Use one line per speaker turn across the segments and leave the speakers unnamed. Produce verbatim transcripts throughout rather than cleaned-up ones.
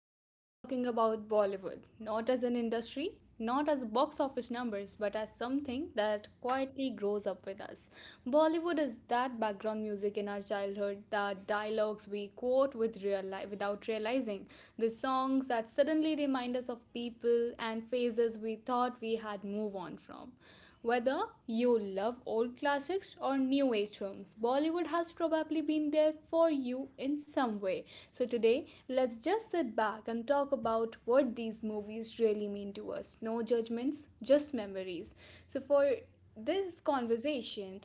Today we are talking about Bollywood, not as an industry, not as box office numbers, but as something that quietly grows up with us. Bollywood is that background music in our childhood, the dialogues we quote with real life without realizing, the songs that suddenly remind us of people and phases we thought we had moved on from. Whether you love old classics or new age films, Bollywood has probably been there for you in some way. So, today, let's just sit back and talk about what these movies really mean to us. No judgments, just memories. So, for this conversation,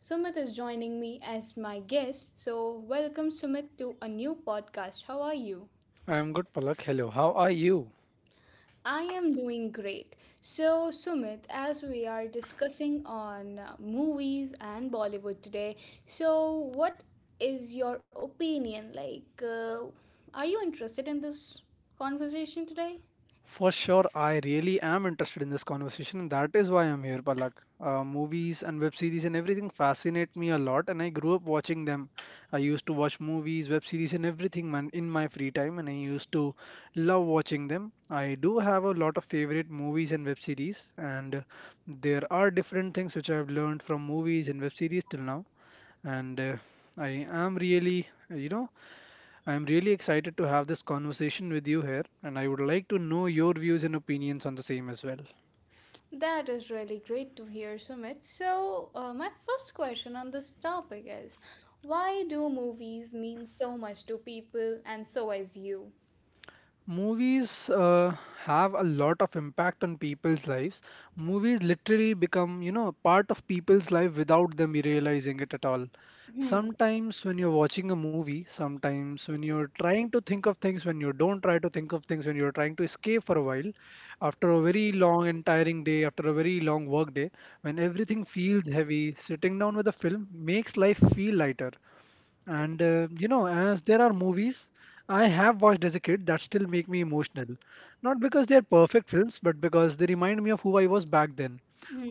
Sumit is joining me as my guest. So, welcome, Sumit, to a new podcast. How are you?
I am good, Palak. Hello, how are you?
I am doing great. So, Sumit, as we are discussing on uh, movies and Bollywood today, so what is your opinion? Like, uh, are you interested in this conversation today?
For sure, I really am interested in this conversation, that is why I'm here, Palak. Uh, movies and web series and everything fascinate me a lot, and I grew up watching them. I used to watch movies, web series, and everything, man, in my free time, and I used to love watching them. I do have a lot of favorite movies and web series, and there are different things which I've learned from movies and web series till now, and uh, I am really, uh, you know. I am really excited to have this conversation with you here, and I would like to know your views and opinions on the same as well.
That is really great to hear, Sumit. So, uh, my first question on this topic is, why do movies mean so much to people, and so as you?
Movies uh, have a lot of impact on people's lives. Movies literally become, you know, a part of people's life without them realizing it at all.
Hmm.
Sometimes when you're watching a movie, sometimes when you're trying to think of things, when you don't try to think of things, when you're trying to escape for a while, after a very long and tiring day, after a very long work day, when everything feels heavy, sitting down with a film makes life feel lighter. And uh, you know, as there are movies I have watched as a kid that still make me emotional. Not because they are perfect films, but because they remind me of who I was back then,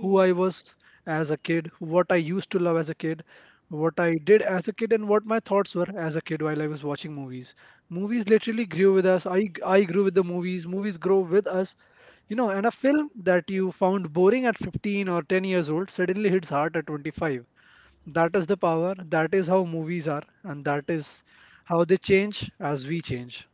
who I was as a kid, what I used to love as a kid, what I did as a kid, and what my thoughts were as a kid while I was watching movies. Movies literally grew with us. I I grew with the movies. Movies grow with us. You know, and a film that you found boring at fifteen or ten years old suddenly hits hard at twenty-five. That is the power. That is how movies are, and that is how they change as we change.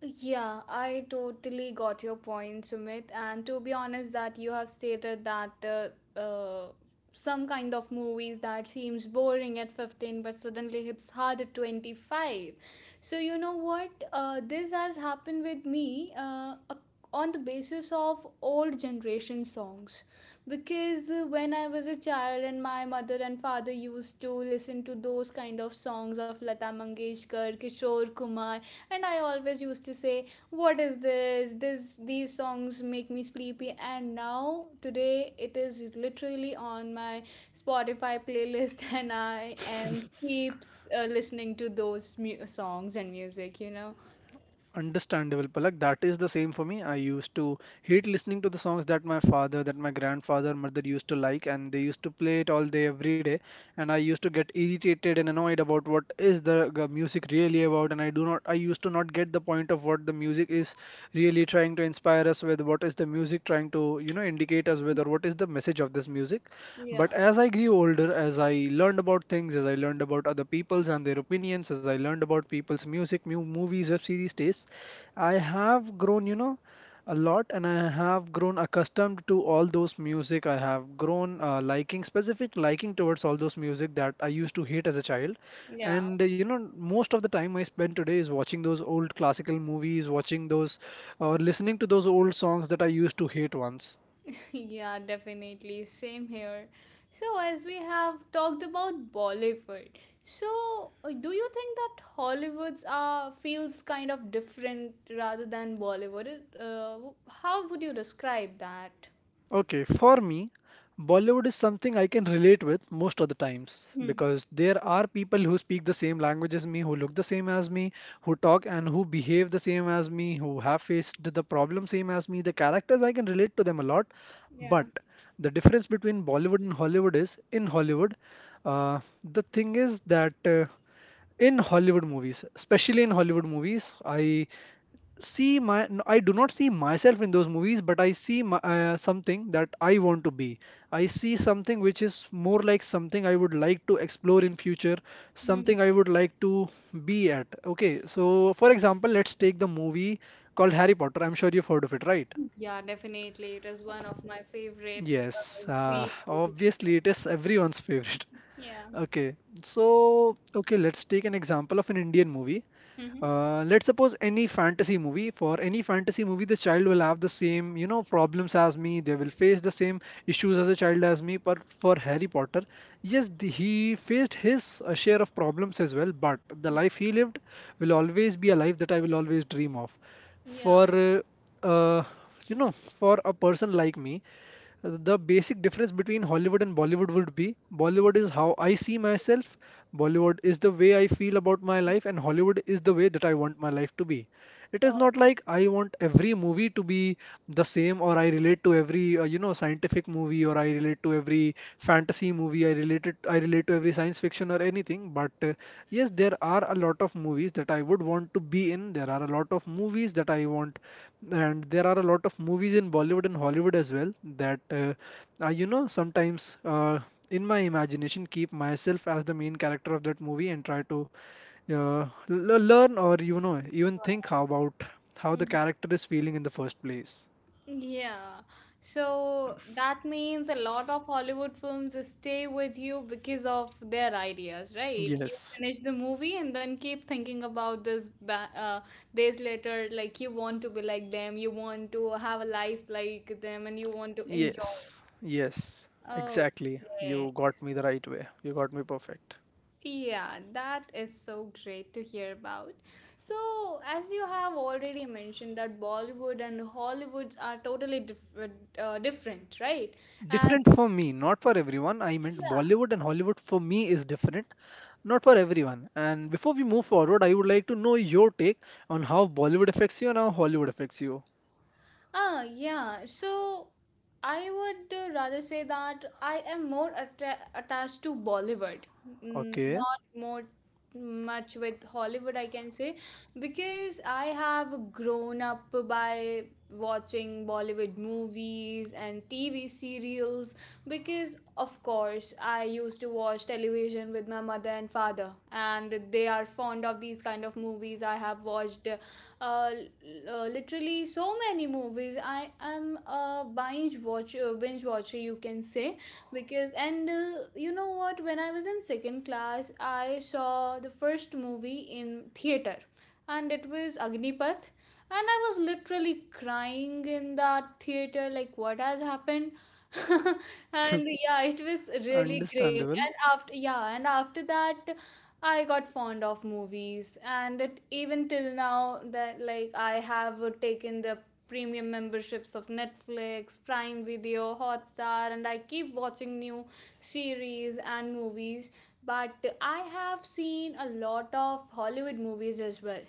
Yeah, I totally got your point, Sumit. And to be honest, that you have stated that uh, uh, some kind of movies that seems boring at fifteen but suddenly hits hard at twenty-five. So, you know what? Uh, this has happened with me uh, ac- on the basis of old generation songs. Because uh, When I was a child and my mother and father used to listen to those kind of songs of Lata Mangeshkar, Kishore Kumar, and I always used to say, what is this this these songs make me sleepy, and now today it is literally on my Spotify playlist. And I am keeps uh, listening to those mu- songs and music you know
Understandable, Palak. That is the same for me. I used to hate listening to the songs that my father, that my grandfather, mother used to like, and they used to play it all day, every day. And I used to get irritated and annoyed about what is the g- music really about, and I do not, I used to not get the point of what the music is really trying to inspire us with, what is the music trying to, you know, indicate us with, or what is the message of this music. But
Yeah,
as I grew older, as I learned about things, as I learned about other people's and their opinions, as I learned about people's music, mu movies, web series tastes, I have grown, you know, a lot. And I have grown accustomed to all those music. I have grown uh, liking, specific liking towards all those music that I used to hate as a child.
yeah.
And uh, you know, most of the time I spend today is watching those old classical movies, watching those or listening to those old songs that I used to hate once.
Yeah, definitely. Same here. So, as we have talked about Bollywood, so uh, do you think that Hollywood's uh, feels kind of different rather than Bollywood? It, Uh, how would you describe that?
Okay, for me, Bollywood is something I can relate with most of the times
Hmm.
because there are people who speak the same language as me, who look the same as me, who talk and who behave the same as me, who have faced the problem same as me. The characters I can relate to them a lot,
Yeah.
but the difference between Bollywood and Hollywood is in Hollywood, uh, the thing is that uh, in Hollywood movies, especially in Hollywood movies, I see my n- I do not see myself in those movies but I see my, uh, something that I want to be. I see something which is more like something I would like to explore in future,
Mhm.
something I would like to be at. Okay, so for example, let's take the movie called Harry Potter. I'm sure you've heard of it, right?
Yeah, definitely. It is one of my favorite
Yes,
uh,
uh,
series, you can say.
obviously it is everyone's favorite.
Yeah.
Okay, so okay, let's take an example of an Indian movie.
Hmm.
Uh, let's suppose any fantasy movie. For any fantasy movie, the child will have the same, you know, problems as me. They will face the same issues as a child as me. But for Harry Potter, yes, the, he faced his uh, share of problems as well. But the
Mm,
life he lived will always be a life that I will always dream of.
yeah.
For uh, uh, you know, for a person like me, the basic difference between Hollywood and Bollywood would be Bollywood is how I see myself, Bollywood is the way I feel about my life, and Hollywood is the way that I want my life to be. It is
Uh,
not like I want every movie to be the same, or I relate to every uh, you know, scientific movie, or I relate to every fantasy movie, I relate it, I relate to every science fiction or anything. But uh, yes, there are a lot of movies that I would want to be in. There are a lot of movies that I want, and there are a lot of movies in Bollywood and Hollywood as well that uh, I, you know, sometimes uh, in my imagination keep myself as the main character of that movie and try to uh, l learn or, you know, even think how about how the character is feeling in the first place.
Yeah. So that means a lot of Hollywood films stay with you because of their ideas, right? You
Yes,
finish the movie and then keep thinking about this ba- uh, days later. Like, you want to be like them, you want to have a life like them, and you want to enjoy
yes, yes,
it. Okay.
exactly.
Yeah.
You got me the right way. You got me perfect.
Yeah, that is so great to hear about. So, as you have already mentioned that Bollywood and Hollywood are totally diff uh, different, right?
Different for me, not for everyone. I meant
Yeah.
Bollywood and Hollywood for me is different, not for everyone. And before we move forward, I would like to know your take on how Bollywood affects you and how Hollywood affects you.
Ah, yeah. So I would uh, rather say that I am more atta attached to Bollywood, mm,
Okay,
not more much with Hollywood, I can say, because I have grown up by watching Bollywood movies and T V serials. Because, of course, I used to watch television with my mother and father, and they are fond of these kind of movies. I have watched uh, uh, literally so many movies. I am a binge watcher, binge watcher, you can say, because and uh, you know what, when I was in second class, I saw the first movie in theater, and it was Agnipath, and I was literally crying in that theater, like, what has happened. And yeah, it was really great.
understandable.
And after yeah and after that, I got fond of movies, and it, even till now that, like, I have uh, taken the premium memberships of Netflix, Prime Video, Hotstar, and I keep watching new series and movies. But I have seen a lot of Hollywood movies as well,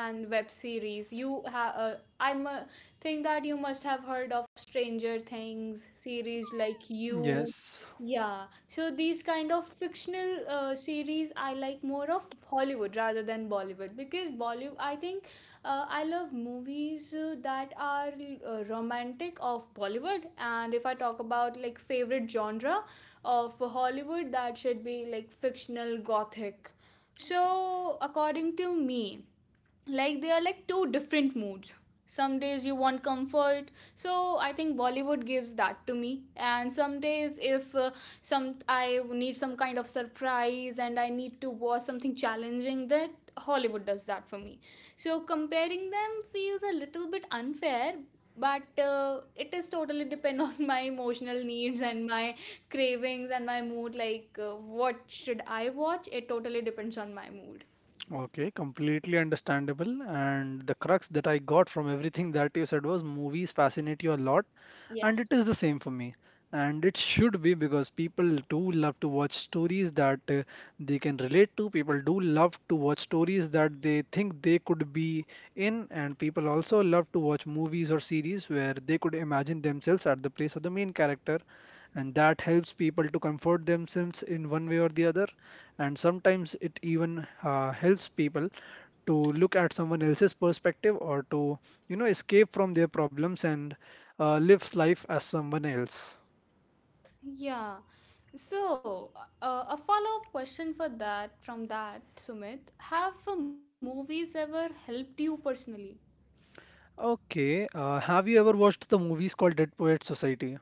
and web series. You have uh, i mu- think that you must have heard of Stranger Things series, like, you—
Yes.
Yeah. So these kind of fictional uh, series, I like more of Hollywood rather than Bollywood, because Bollywood, I think, uh, I love movies uh, that are uh, romantic of Bollywood. And if I talk about, like, favorite genre of Hollywood, that should be like fictional gothic. So according to me, like, they are like two different moods. Some days you want comfort, so I think Bollywood gives that to me, and some days if uh, some I need some kind of surprise, and I need to watch something challenging, that Hollywood does that for me. So comparing them feels a little bit unfair, but uh, it is totally depend on my emotional needs and my cravings and my mood, like, uh, what should I watch, it totally depends on my mood.
Okay, completely understandable. And the crux that I got from everything that you said was movies fascinate you a lot, and
Yeah.
it is the same for me. And it should be because people do love to watch stories that uh, they can relate to. People do love to watch stories that they think they could be in, and people also love to watch movies or series where they could imagine themselves at the place of the main character, and that helps people to comfort themselves in one way or the other, and sometimes it even uh, helps people to look at someone else's perspective or to, you know, escape from their problems and uh, live life as someone else.
Yeah. So, uh, a follow up question for that from that, Sumit. Have uh, movies ever helped you personally?
Okay, uh, have you ever watched the movies called Dead Poet Society?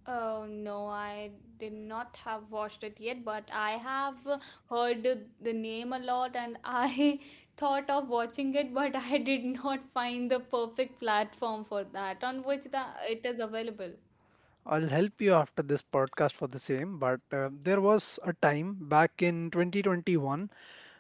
Oh no, I did not have watched it yet, but I have uh, heard the name a lot, and I thought of watching it, but I did not find the perfect platform for that on which the, it is available.
I'll help you after this podcast for the same, but uh, there was a time back in twenty twenty-one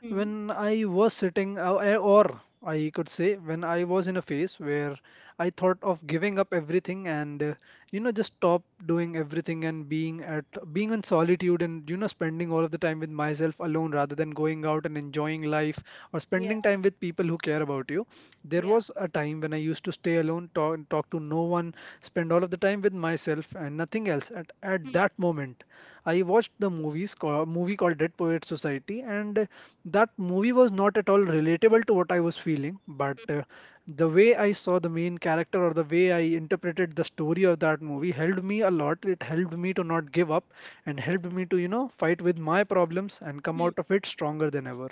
Hmm.
when I was sitting, uh, uh, or I could say, when I was in a phase where I thought of giving up everything and uh, you know, just stop doing everything and being at being in solitude and, you know, spending all of the time with myself alone rather than going out and enjoying life or
Yeah,
spending time with people who care about you. There
yeah.
was a time when I used to stay alone, talk talk to no one, spend all of the time with myself and nothing else. At at
Hmm,
that moment, I watched the movies called, movie called Dead Poets Society, and uh, that movie was not at all relatable to what I was feeling, but
hmm,
uh, the way I saw the main character or the way I interpreted the story of that movie helped me a lot. It helped me to not give up and helped me to, you know, fight with my problems and come
hmm.
out of it stronger than ever.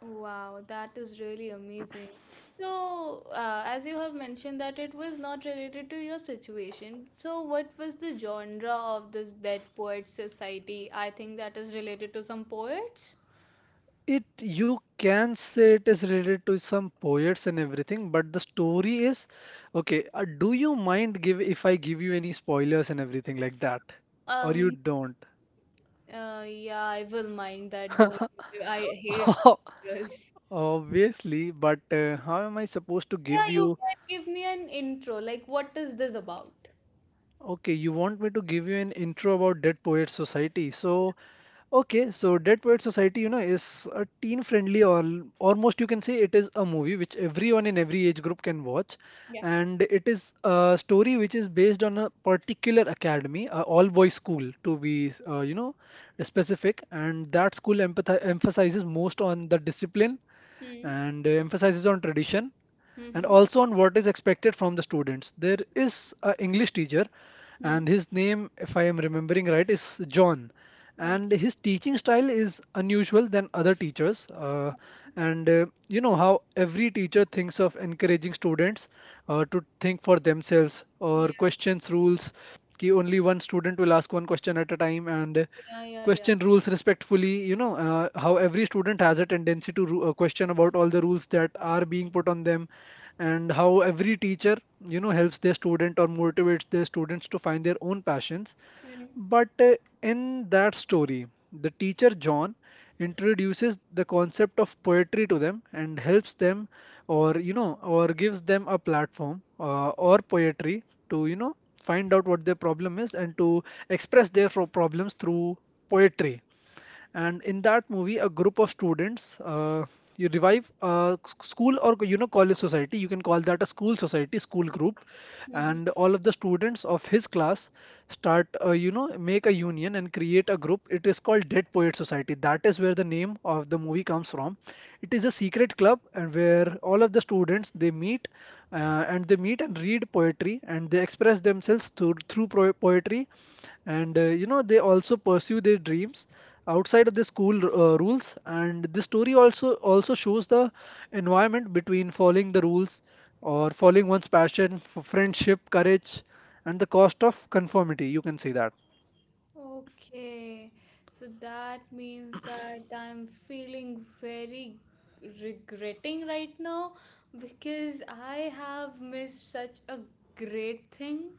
Wow, that is really amazing. So, uh, as you have mentioned that it was not related to your situation, so what was the genre of this Dead Poets Society? I think that is related to some poets.
It you can say it is related to some poets and everything, but the story is okay. Uh, do you mind give if I give you any spoilers and everything like that? Or you
Um,
don't?
uh, yeah, I will mind that. Don't. I hate spoilers.
Obviously, but uh, how am I supposed to
Yeah,
give
you
you?
can give me an intro. Like, what is this about?
Okay, you want me to give you an intro about Dead Poets Society. So, okay, so Dead Poets Society, you know, is a teen-friendly or almost, you can say, it is a movie which everyone in every age group can watch,
Yeah.
and it is a story which is based on a particular academy, a all-boys school to be, uh, you know, specific, and that school empathi- emphasizes most on the discipline
Hmm.
and uh, emphasizes on tradition and
Mm-hmm.
also on what is expected from the students. There is an English teacher,
Hmm.
and his name, if I am remembering right, is John. And
Okay.
his teaching style is unusual than other teachers. Uh,
Okay.
and uh, You know how every teacher thinks of encouraging students uh, to think for themselves or questions rules. कि only one student will ask one question at a time, and
Yeah. Yeah. Yeah.
question rules respectfully, you know uh, how every student has a tendency to ru- uh, question about all the rules that are being put on them, and how every teacher, you know helps their student or motivates their students to find their own passions.
Yeah.
But uh, In that story, the teacher John introduces the concept of poetry to them and helps them, or you know, or gives them a platform, uh, or poetry to you know find out what their problem is and to express their fro- problems through poetry. And in that movie a group of students, uh, you revive a s- school, or you know college society. You can call that a school society school group,
Hmm.
and all of the students of his class start, uh, you know make a union and create a group. It is called Dead Poet Society. That is where the name of the movie comes from. It is a secret club and where all of the students they meet, uh, and they meet and read poetry and they express themselves through through pro- poetry. And uh, you know they also pursue their dreams outside of the school uh, rules. And this story also also shows the environment between following the rules or following one's passion for friendship, courage, and the cost of conformity, you can say that.
Okay, so that means that I'm feeling very regretting right now, because I have missed such a great thing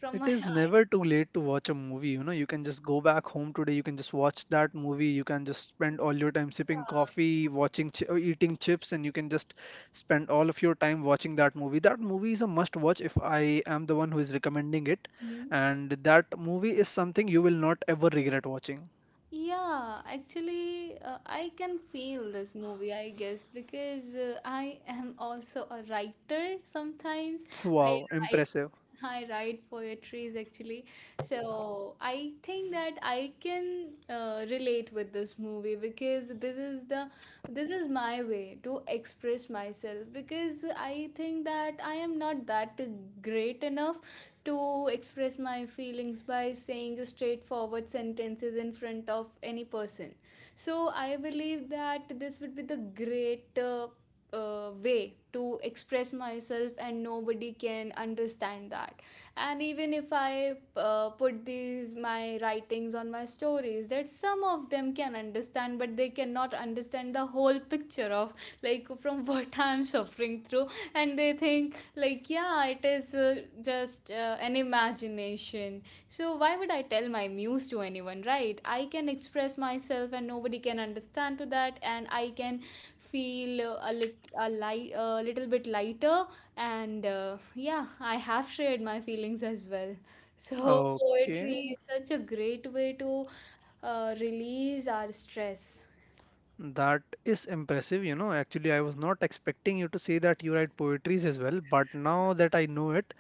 from
It
my
is never too late to watch a movie. You know, you can just go back home today. You can just watch that movie. You can just spend
aunt.
all your time sipping
Yeah.
coffee, watching, chi- or eating chips, and you can just spend all of your time watching that movie. That movie is a must watch if I am the one who is recommending it.
Mhm.
And that movie is something you will not ever regret watching.
Yeah, actually, uh, I can feel this movie, I guess, because uh, I am also a writer sometimes. I,
Wow, impressive.
I write poetries actually. So I think that I can uh, relate with this movie, because this is the this is my way to express myself, because I think that I am not that great enough to express my feelings by saying the straightforward sentences in front of any person. So I believe that this would be the great uh, uh, way to express myself, and nobody can understand that. And even if I uh, put these my writings on my stories that some of them can understand, but they cannot understand the whole picture of, like, from what I'm suffering through. And they think, like, yeah, it is uh, just uh, an imagination. So why would I tell my muse to anyone, right? I can express myself and nobody can understand to that, and I can feel uh, a little a light, a little bit lighter. And uh, yeah, I have shared my feelings as well. So poetry
Okay,
is such a great way to uh, release our stress.
that is impressive. You know, actually, I was not expecting you to say that you write poetries as well, but now that I know it,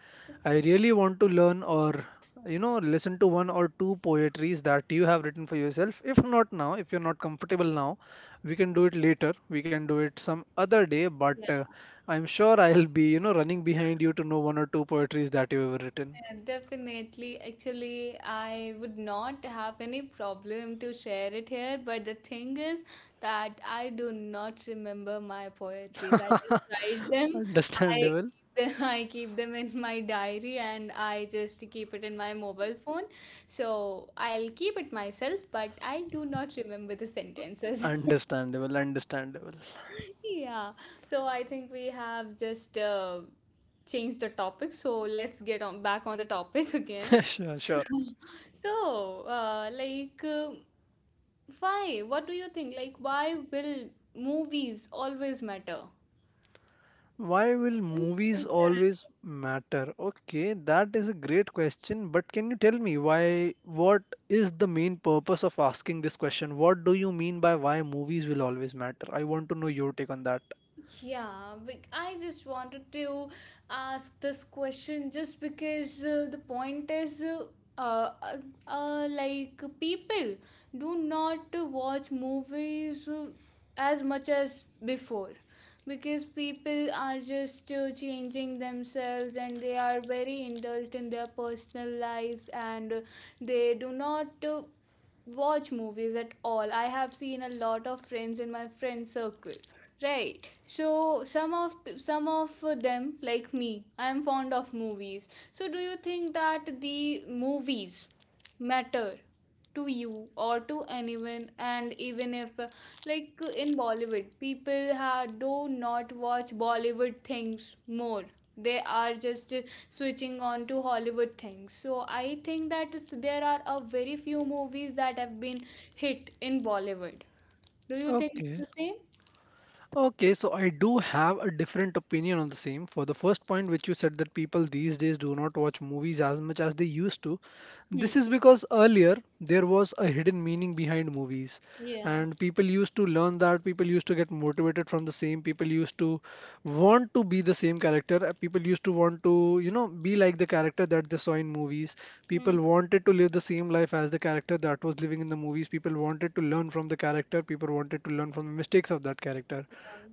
I really want to learn or, you know, listen to one or two poetries that you have written for yourself. If not now, if you're not comfortable now, we can do it later. We can do it some other day, but uh,
Yeah.
I'm sure I'll be, you know, running behind you to know one or two poetries that you've ever written.
Yeah, definitely. Actually, I would not have any problem to share it here, but the thing is that I do not remember my poetries. I just write them. I
Understandable.
keep them, I keep them in my diary, and I just keep it in my mobile phone. So I'll keep it myself, but I do not remember the sentences.
Understandable, understandable.
Yeah, so I think we have just uh, changed the topic. So let's get on back on the topic again.
Sure,
So,
sure.
so, uh, like, um why? What do you think? Like, why will movies always matter
Why will
in
movies
future as
always
well?
matter? Okay, that is a great question, but can you tell me why, what is the main purpose of asking this question? What do you mean by why movies will always matter? I want to know your take on that.
Yeah, bec- I just wanted to ask this question just because uh, the point is uh, uh, uh, like, people do not watch movies uh, as much as before, because people are just uh, changing themselves, and they are very indulged in their personal lives, and uh, they do not uh, watch movies at all. I have seen a lot of friends in my friend circle. Right. So some of some of them, like me, I am fond of movies. So do you think that the movies matter to you or to anyone, and even if uh, like uh, in Bollywood, people ha do not watch Bollywood things more. They are just switching on to Hollywood things. So I think that is- there are a very few movies that have been hit in Bollywood. Do you think it's
Okay.
the same?
Okay, so I do have a different opinion on the same. For the first point, which you said that people these days do not watch movies as much as they used to,
Hmm.
this is because earlier there was a hidden meaning behind movies,
Yeah.
and people used to learn that, people used to get motivated from the same, people used to want to be the same character. Uh, People used to want to, you know, be like the character that they saw in movies.
Hmm.
People wanted to live the same life as the character that was living in the movies. People wanted to learn from the character. People wanted to learn from the mistakes of that character.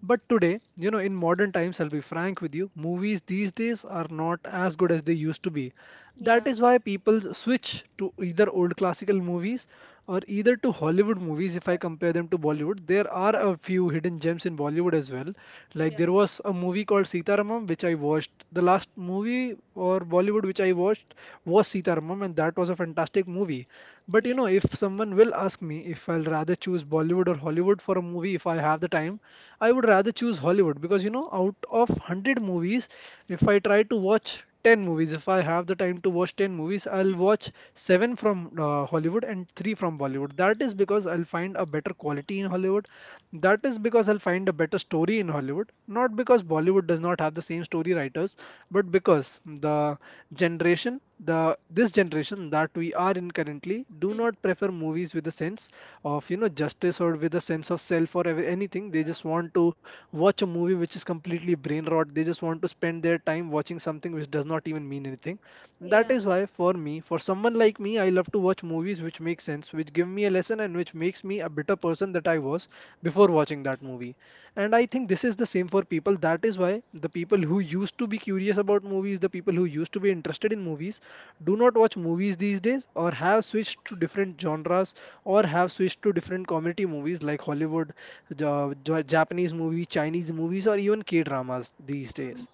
But today, you know, in modern times, I'll be frank with you, movies these days are not as good as they used to be.
Yeah.
That is why people switch to either old classical movies or either to Hollywood movies if I compare them to Bollywood. Bollywood, there are a few hidden gems in Bollywood as well.
Yeah. Yeah. Hmm.
Like
Yeah.
there was a movie called Sitaramam, which I watched. The last movie or Bollywood which I watched was Sitaramam, and that was a fantastic movie. But you
Yeah.
know, if someone will ask me if I'll rather choose Bollywood or Hollywood for a movie if I have the time, I would rather choose Hollywood because you know, out of one hundred movies, if I try to watch ten movies. If I have the time to watch ten movies,
Hmm.
I'll watch seven from uh, Hollywood and three from Bollywood. That is because I'll find a better quality in Hollywood. That is because I'll find a better story in Hollywood. Not because Bollywood does not have the same story writers, but because the generation, the this generation that we are in currently do
Hmm.
not prefer movies with a sense of, you know, justice or with a sense of self or ever- anything. They just want to watch a movie which is completely brain rot. They just want to spend their time watching something which does not even mean anything.
Yeah.
That
Yeah.
is why, for me, for someone like me, I love to watch movies which make sense, which give me a lesson, and which makes me a better person that I was before watching that movie. And I think this is the same for people. That is why the people who used to be curious about movies, the people who used to be interested in movies, do not watch movies these days, or have switched to different genres, or have switched to different comedy movies like Hollywood, Ja- Ja- Japanese movie, Chinese movies, or even K dramas these
Hmm.
days.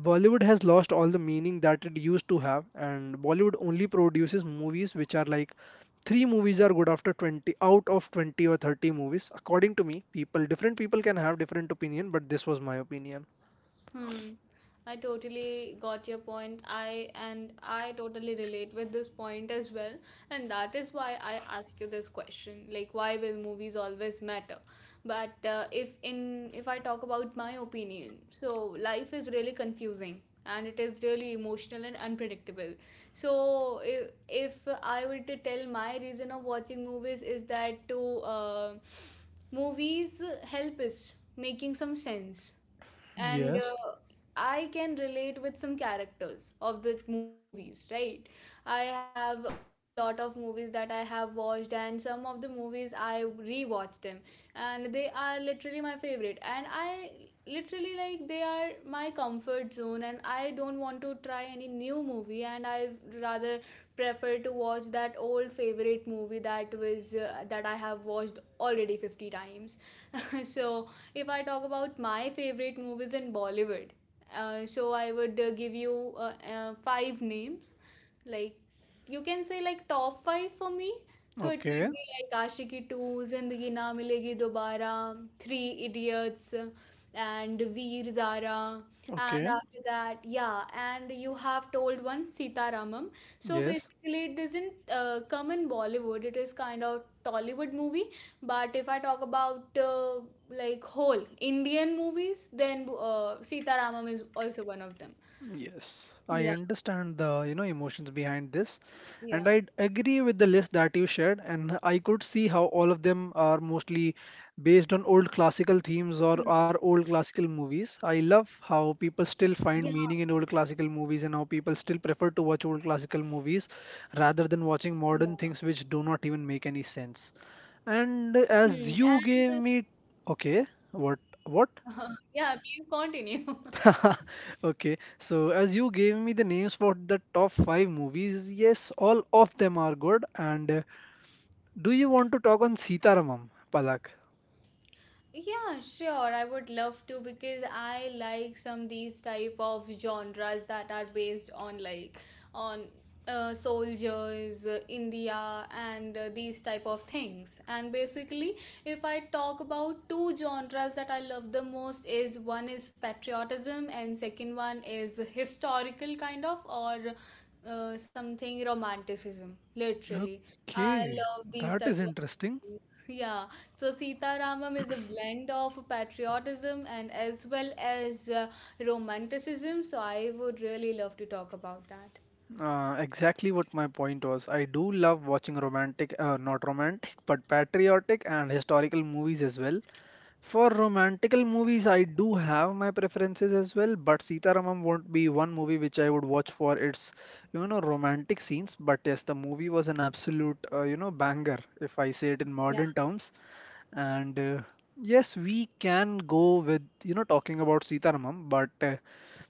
Bollywood has lost all the meaning that it used to have, and Bollywood only produces movies which are like three movies are good after twenty out of twenty or thirty movies. According to me, people different people can have different opinion, but this was my opinion.
Hmm. I totally got your point. I and I totally relate with this point as well. And that is why I ask you this question. Like, why will movies always matter? But uh, if in if I talk about my opinion, so life is really confusing, and it is really emotional and unpredictable. So if, if I were to tell, my reason of watching movies is that to uh, movies help us making some sense, and
Yes.
uh, I can relate with some characters of the movies, right? I have a lot of movies that I have watched, and some of the movies I rewatch them, and they are literally my favorite. And I literally like they are my comfort zone, and I don't want to try any new movie, and I rather prefer to watch that old favorite movie that was uh, that I have watched already fifty times. so if I talk about my favorite movies in Bollywood, uh, so I would uh, give you uh, uh, five names. Like you can say like top five for me. So it
Okay.
would be like Ashiki two, Zindagi Na Milegi Dobara, Three Idiots, and Veer Zara. And
Okay.
after that, yeah, and you have told one Sita Ramam. So
Yes.
basically, it doesn't uh, come in Bollywood. It is kind of Tollywood movie, but if I talk about uh, like whole Indian movies, then uh, Sitaramam is also one of them.
Yes, I
Yeah,
understand the, you know, emotions behind this. And
yeah,
I agree with the list that you shared, and I could see how all of them are mostly based on old classical themes
hmm,
or are old classical movies. I
yeah,
love how people still find meaning in old classical movies and how people still prefer to watch old classical movies
yeah.
rather than watching modern things which do not even make any sense.
Hmm. And
And as you gave me, okay, what,
uh,
what?
yeah, please continue.
Okay, so as you gave me the names for the top five movies, yes, all of them are good, and do you want to talk on Sitaramam, Palak?
Yeah, sure. I would love to because I like some these type of genres that are based on like on uh, soldiers, uh, India, and uh, these type of things. And basically, if I talk about two genres that I love the most is one is patriotism and second one is historical kind of or uh, something romanticism. Literally, I
Okay,
love these
that is
type of
interesting.
things. Yeah so Sita Ramam is a blend of patriotism and as well as uh, romanticism. So I would really love to talk about that.
Uh, exactly what my point was. I do love watching romantic, uh, not romantic, but patriotic and historical movies as well. For romantical movies, I do have my preferences as well, but Sitaramam won't be one movie which I would watch for its, you know, romantic scenes. But yes, the movie was an absolute, uh, you know, banger, if I say it in
Yeah.
modern terms. And uh, yes, we can go with, you know, talking about Sitaramam, but uh,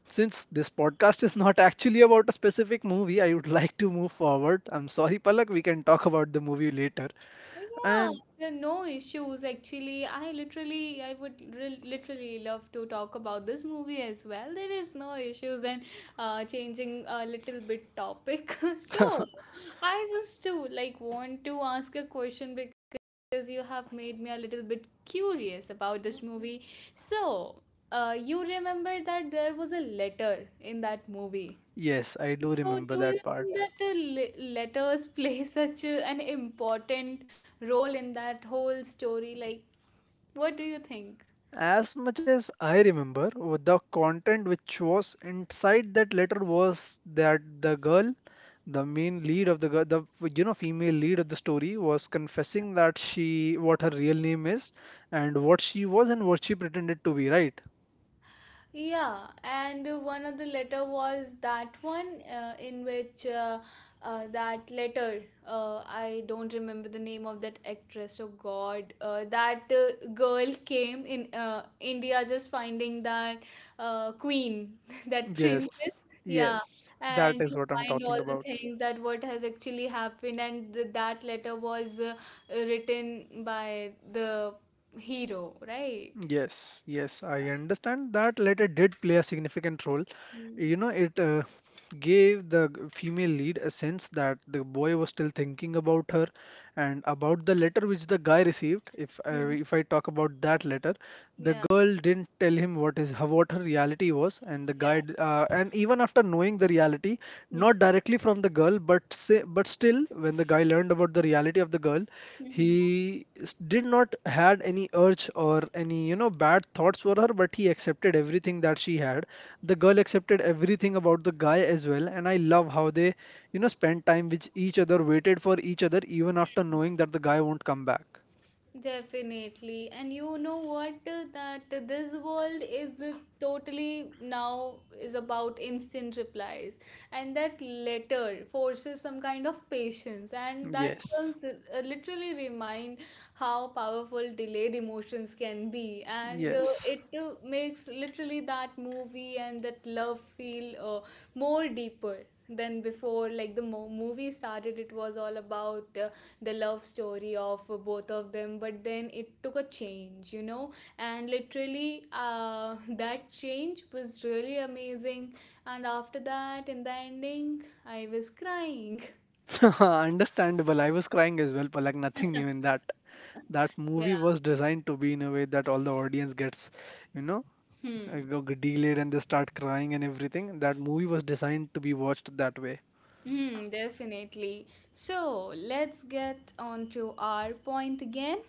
since this podcast is not actually about a specific movie, I would like to move forward. I'm sorry, Palak, we can talk about the movie later.
Yeah,
And
there are no issues actually. I literally, I would re- literally love to talk about this movie as well. There is no issues and uh, changing a little bit topic. so, I just too like want to ask a question because you have made me a little bit curious about this movie. So, uh, you remember that there was a letter in that movie,
yes, I do
so, do
remember
you
that
think
part.
that uh, le- letters play such uh, an important role in that whole story? Like, what do you think?
As much as I remember, with the content which was inside that letter was that the girl, the main lead of the girl, the, you know, female lead of the story was confessing that she what her real name is and what she was and what she pretended to be, right?
Yeah, and uh, one of the letter was that one uh, in which uh, uh, that letter uh, I don't remember the name of that actress. Oh God, uh, that uh, girl came in uh, India just finding that uh, queen, that
Yes,
princess. Yeah,
yes, that
and
is
to
what I'm
find
talking
all the
about.
things that what has actually happened, and th- that letter was uh, written by the hero, right?
Yes, yes, I understand that letter did play a significant role.
Mm.
You know, it uh, just gave the g- female lead a sense that the boy was still thinking about her and about the letter which the guy received. If I,
Mm.
if I talk about that letter, the
Yeah.
girl didn't tell him what his what her reality was, and the guy
Yeah.
d- uh, and even after knowing the reality,
Hmm.
not directly from the girl but say, but still when the guy learned about the reality of the girl,
Hmm.
he s- did not had any urge or any, you know, bad thoughts for her, but he accepted everything that she had. The girl accepted everything about the guy as well, and I love how they, you know, spent time with each other, waited for each other even after knowing that the guy won't come back.
Definitely. And you know what? uh, That this world is uh, totally now is about instant replies. And that letter forces some kind of patience. And that can
Yes.
uh, literally remind how powerful delayed emotions can be. And uh,
Yes.
it uh, makes literally that movie and that love feel uh, more deeper than before like the mo- movie started it was all about uh, the love story of both of them but then it took a change, you know, and literally uh, that change was really amazing and after that in the ending I was crying.
Understandable. I was crying as well, but like nothing new in that. That
Yeah.
movie was designed to be in a way that all the audience gets, you know, uh,
Hmm.
go- get delayed and they start crying and everything. That movie was designed to be watched that way.
Hmm, definitely. So let's get on to our point again.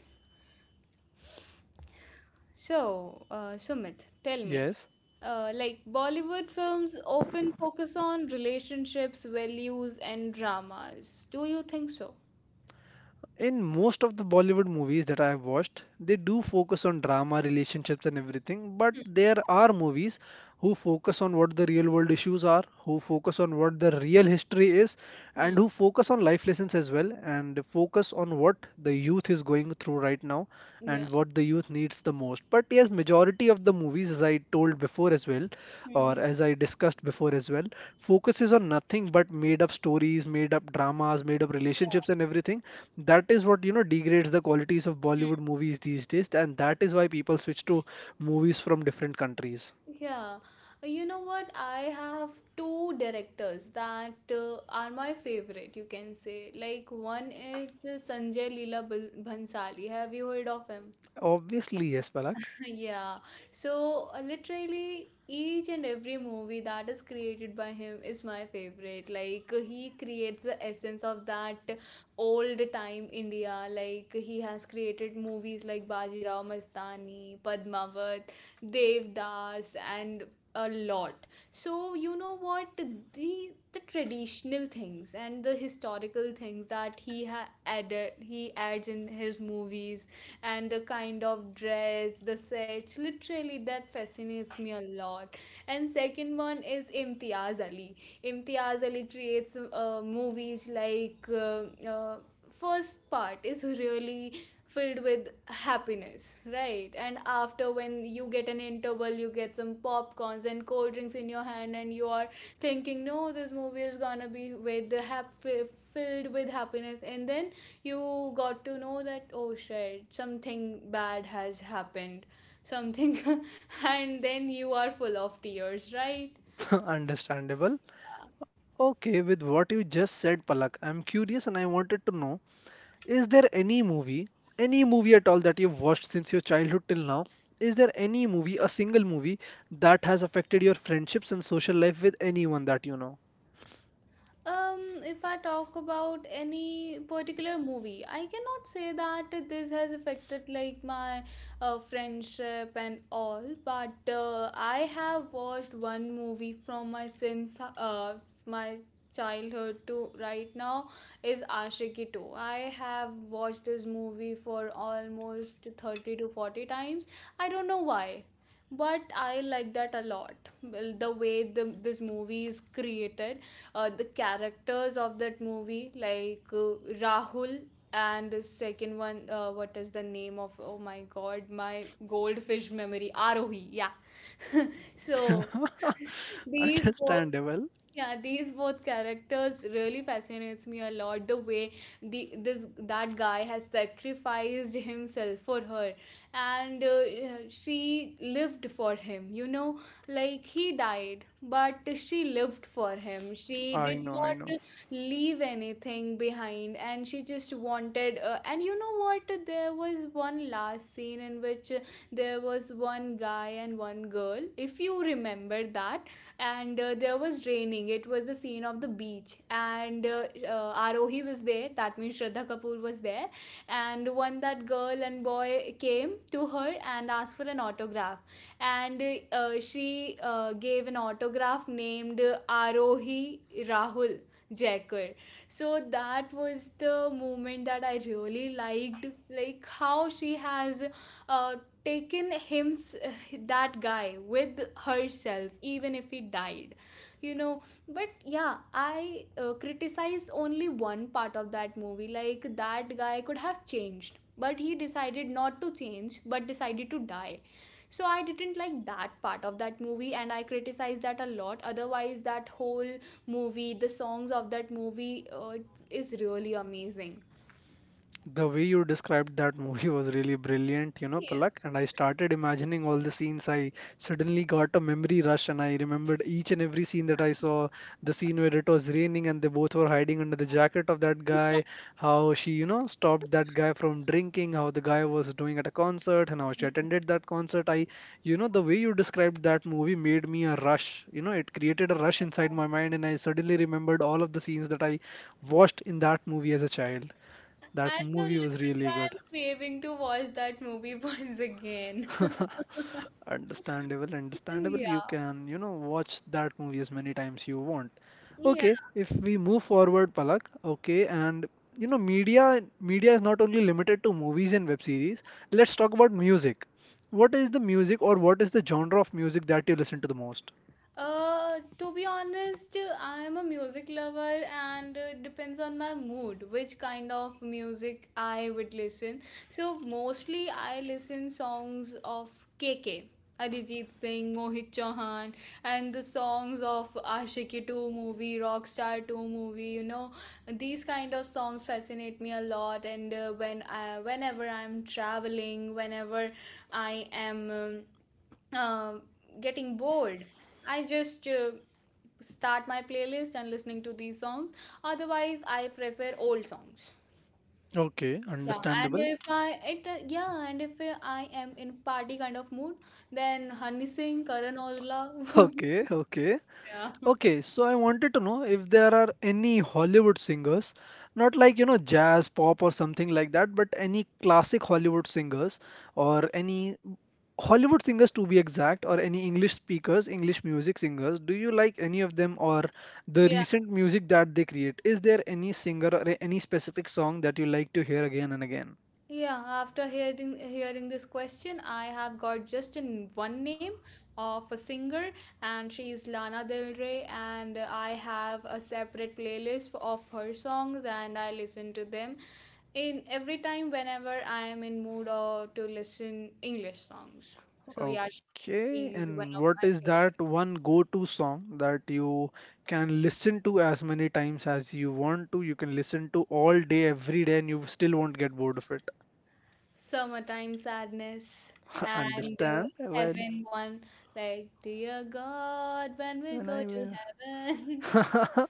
So, uh, Sumit, tell me,
Yes.
uh, like Bollywood films often focus on relationships, values, and dramas. Do you think so?
In most of the Bollywood movies that I have watched, they do focus on drama, relationships, and everything. But there are movies who focus on what the real world issues are, who focus on what the real history is,
Hmm.
and who focus on life lessons as well, and focus on what the youth is going through right now and
Yeah.
what the youth needs the most. But yes, majority of the movies, as I told before as well, or
Mm-hmm.
as I discussed before as well, focuses on nothing but made up stories, made up dramas, made up relationships,
Yeah,
and everything that is what you know degrades the qualities of Bollywood movies these days, and that is why people switch to movies from different countries.
yeah, you know what? I have two directors that uh, are my favorite, you can say. Like, one is uh, Sanjay Leela Bal- Bhansali. Have you heard of him?
Obviously, yes, Palak.
yeah so uh, literally each and every movie that is created by him is my favorite, like uh, he creates the essence of that old time India, like he has created movies like Bajirao Mastani, Padmavat, Devdas, and a lot. So you know what, the the traditional things and the historical things that he ha- added he adds in his movies, and the kind of dress, the sets. Literally, that fascinates me a lot. And second one is Imtiaz Ali. Imtiaz Ali creates uh, movies like uh, uh, first part is really filled with happiness, right? And after when you get an interval, you get some popcorns and cold drinks in your hand and you are thinking no this movie is gonna be with the hap- fi- filled with happiness, and then you got to know that oh shit something bad has happened, something. And then you are full of tears, right?
Understandable. Okay, with what you just said, Palak, I'm curious and I wanted to know, is there any movie, any movie at all that you've watched since your childhood till now? Is there any movie, a single movie, that has affected your friendships and social life with anyone that you know?
Um, if I talk about any particular movie, I cannot say that this has affected like my uh, friendship and all, but uh, I have watched one movie from my since uh, my childhood to right now is Ashiki two. I have watched this movie for almost thirty to forty times. I don't know why but I like that a lot. Well, the way the, this movie is created, uh, the characters of that movie, like uh, Rahul and the second one, uh, what is the name of? Oh my God, my goldfish memory, Arohi. Yeah. so these four,
Understandable.
yeah these both characters really fascinates me a lot, the way the this that guy has sacrificed himself for her, and uh, she lived for him, you know, like he died but she lived for him, she
I
did
know, I know.
not leave anything behind, and she just wanted uh, and you know what, there was one last scene in which uh, there was one guy and one girl, if you remember that, and uh, there was raining, it was the scene of the beach, and uh, uh, arohi was there, that means Shraddha Kapoor was there, and one that girl and boy came to her and asked for an autograph, and uh, she uh, gave an autograph named Arohi Rahul Jaikar. So that was the moment that I really liked, like how she has uh, taken him, that guy, with herself even if he died, you know. But yeah, I uh, criticize only one part of that movie, like that guy could have changed but he decided not to change but decided to die. So I didn't like that part of that movie and I criticize that a lot. Otherwise that whole movie, the songs of that movie uh, is really amazing.
The way you described that movie was really brilliant, you know, Palak. And I started imagining all the scenes. I suddenly got a memory rush and I remembered each and every scene that I saw. The scene where it was raining and they both were hiding under the jacket of that guy, how she, you know, stopped that guy from drinking, how the guy was doing at a concert, and how she
Yeah.
attended that concert. I, you know, the way you described that movie made me a rush. You know, it created a rush inside my mind, and I suddenly remembered all of the scenes that I watched in that movie as a child.
I
That
know,
movie was
literally,
really
I
good.
am craving to watch that movie once again.
Understandable, understandable. You
Yeah.
can, you know, watch that movie as many times you want.
Yeah.
Okay, if we move forward, Palak, okay, and you know, media media is not only limited to movies and web series. Let's talk about music. What is the music or what is the genre of music that you listen to the most?
Uh, to be honest, I am a music lover and uh, depends on my mood which kind of music I would listen. So mostly I listen songs of K K, Arijit Singh, Mohit Chauhan, and the songs of Aashiqui two movie, Rockstar two movie. You know, these kind of songs fascinate me a lot. And uh, when I, whenever I'm traveling, whenever I am. Um, um, getting bored, I just uh, start my playlist and listening to these songs. Otherwise I prefer old songs.
Okay,
Yeah and
understandable.
if I it uh, yeah and if uh, I am in party kind of mood, then Honey Singh, Karan Aujla.
Okay, okay.
Yeah,
Okay, so I wanted to know if there are any Hollywood singers, not like, you know, jazz, pop, or something like that, but any classic Hollywood singers or any Hollywood singers to be exact, or any English speakers, English music singers. Do you like any of them or the
yeah.
recent music that they create? Is there any singer or any specific song that you like to hear again and again?
Yeah, after hearing hearing this question, I have got just in one name of a singer, and she is Lana Del Rey, and I have a separate playlist of her songs, and I listen to them in every time whenever I am in mood or to listen English songs. So yeah, she is
Okay,
one of my
and what
favorite.
is that one go-to song that you can listen to as many times as you want to? You can listen to all day, every day, and you still won't get bored of it.
Summertime sadness, and uh,
Understand? Well,
heaven one, like dear God, when we
when
go
I
to heaven.
will.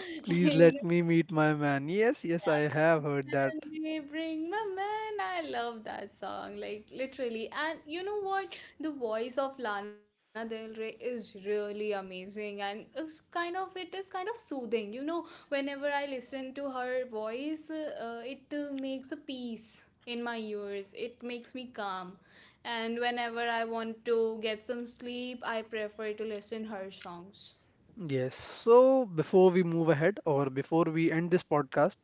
Please
You
let me meet my man. Yes, yes, I have heard that.
suddenly bring my man. I love that song, like literally. And you know what? The voice of Lana Del Rey is really amazing, and it's kind of it is kind of soothing. You know, whenever I listen to her voice, uh, it uh, makes a peace in my ears. It makes me calm, and whenever I want to get some sleep, I prefer to listen her songs.
Yes, so before we move ahead or before we end this podcast,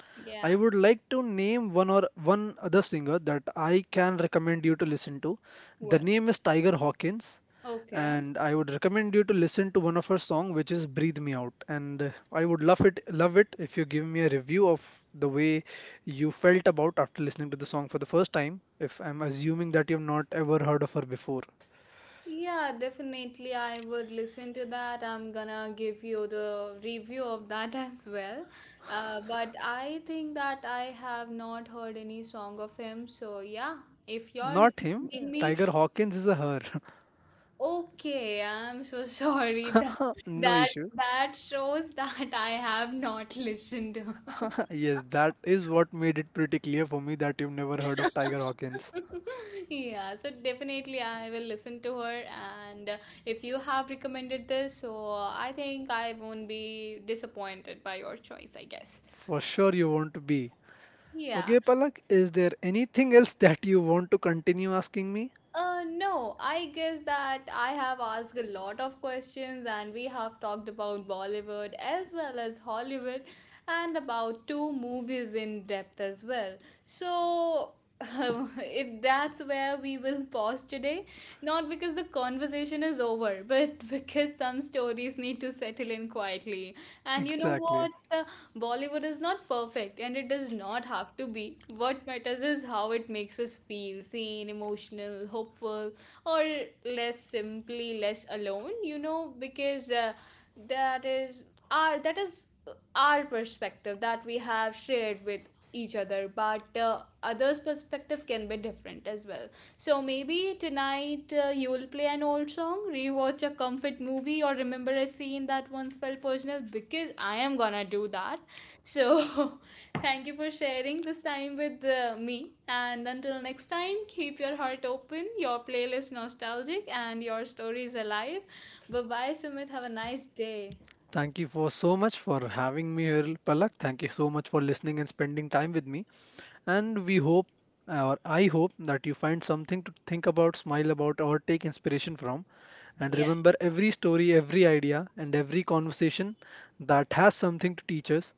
I
Yeah.
would like to name one or one other singer that I can recommend you to listen to. The
Well.
name is Tiger Hawkins,
Okay.
and I would recommend you to listen to one of her song, which is "Breathe Me Out." And uh, I would love it, love it if you give me a review of the way you felt about after listening to the song for the first time. If I'm assuming that you've not ever heard of her before,
Yeah, definitely. I would listen to that. I'm gonna give you the review of that as well. Uh, but I think that I have not heard any song of him. So, yeah, if you're
not him.
recommending me,
Tiger Hawkins is a her.
okay, I'm so sorry that
No
that
issues.
that shows that I have not listened to.
Yes, that is what made it pretty clear for me that you've never heard of Tiger Hawkins.
Yeah, so definitely I will listen to her, and uh, if you have recommended this, so I think I won't be disappointed by your choice, I guess.
For sure, you want to be.
Yeah.
Okay, Palak, is there anything else that you want to continue asking me?
Uh, no, I guess that I have asked a lot of questions and we have talked about Bollywood as well as Hollywood and about two movies in depth as well. So, if that's where we will pause today, not because the conversation is over, but because some stories need to settle in quietly. And you know
Exactly.
what? Bollywood is not perfect and it does not have to be. What matters is how it makes us feel seen, emotional, hopeful, or less, simply less alone, you know, because uh, that is our that is our perspective that we have shared with each other, but uh, others perspective can be different as well. So maybe tonight uh, you will play an old song, rewatch a comfort movie, or remember a scene that once felt personal, because I am gonna do that. So, thank you for sharing this time with uh, me. And until next time, keep your heart open, your playlist nostalgic, and your stories alive. Bye bye, Sumit. Have a nice day.
Thank you for so much for having me here, Palak. Thank you so much for listening and spending time with me. And we hope, or I hope, that you find something to think about, smile about, or take inspiration from. And
Yeah.
remember, every story, every idea, and every conversation that has something to teach us.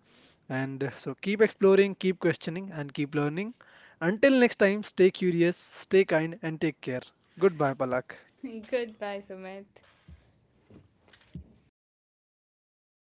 And so keep exploring, keep questioning, and keep learning. Until next time, stay curious, stay kind, and take care. Goodbye, Palak.
Goodbye, Sumit.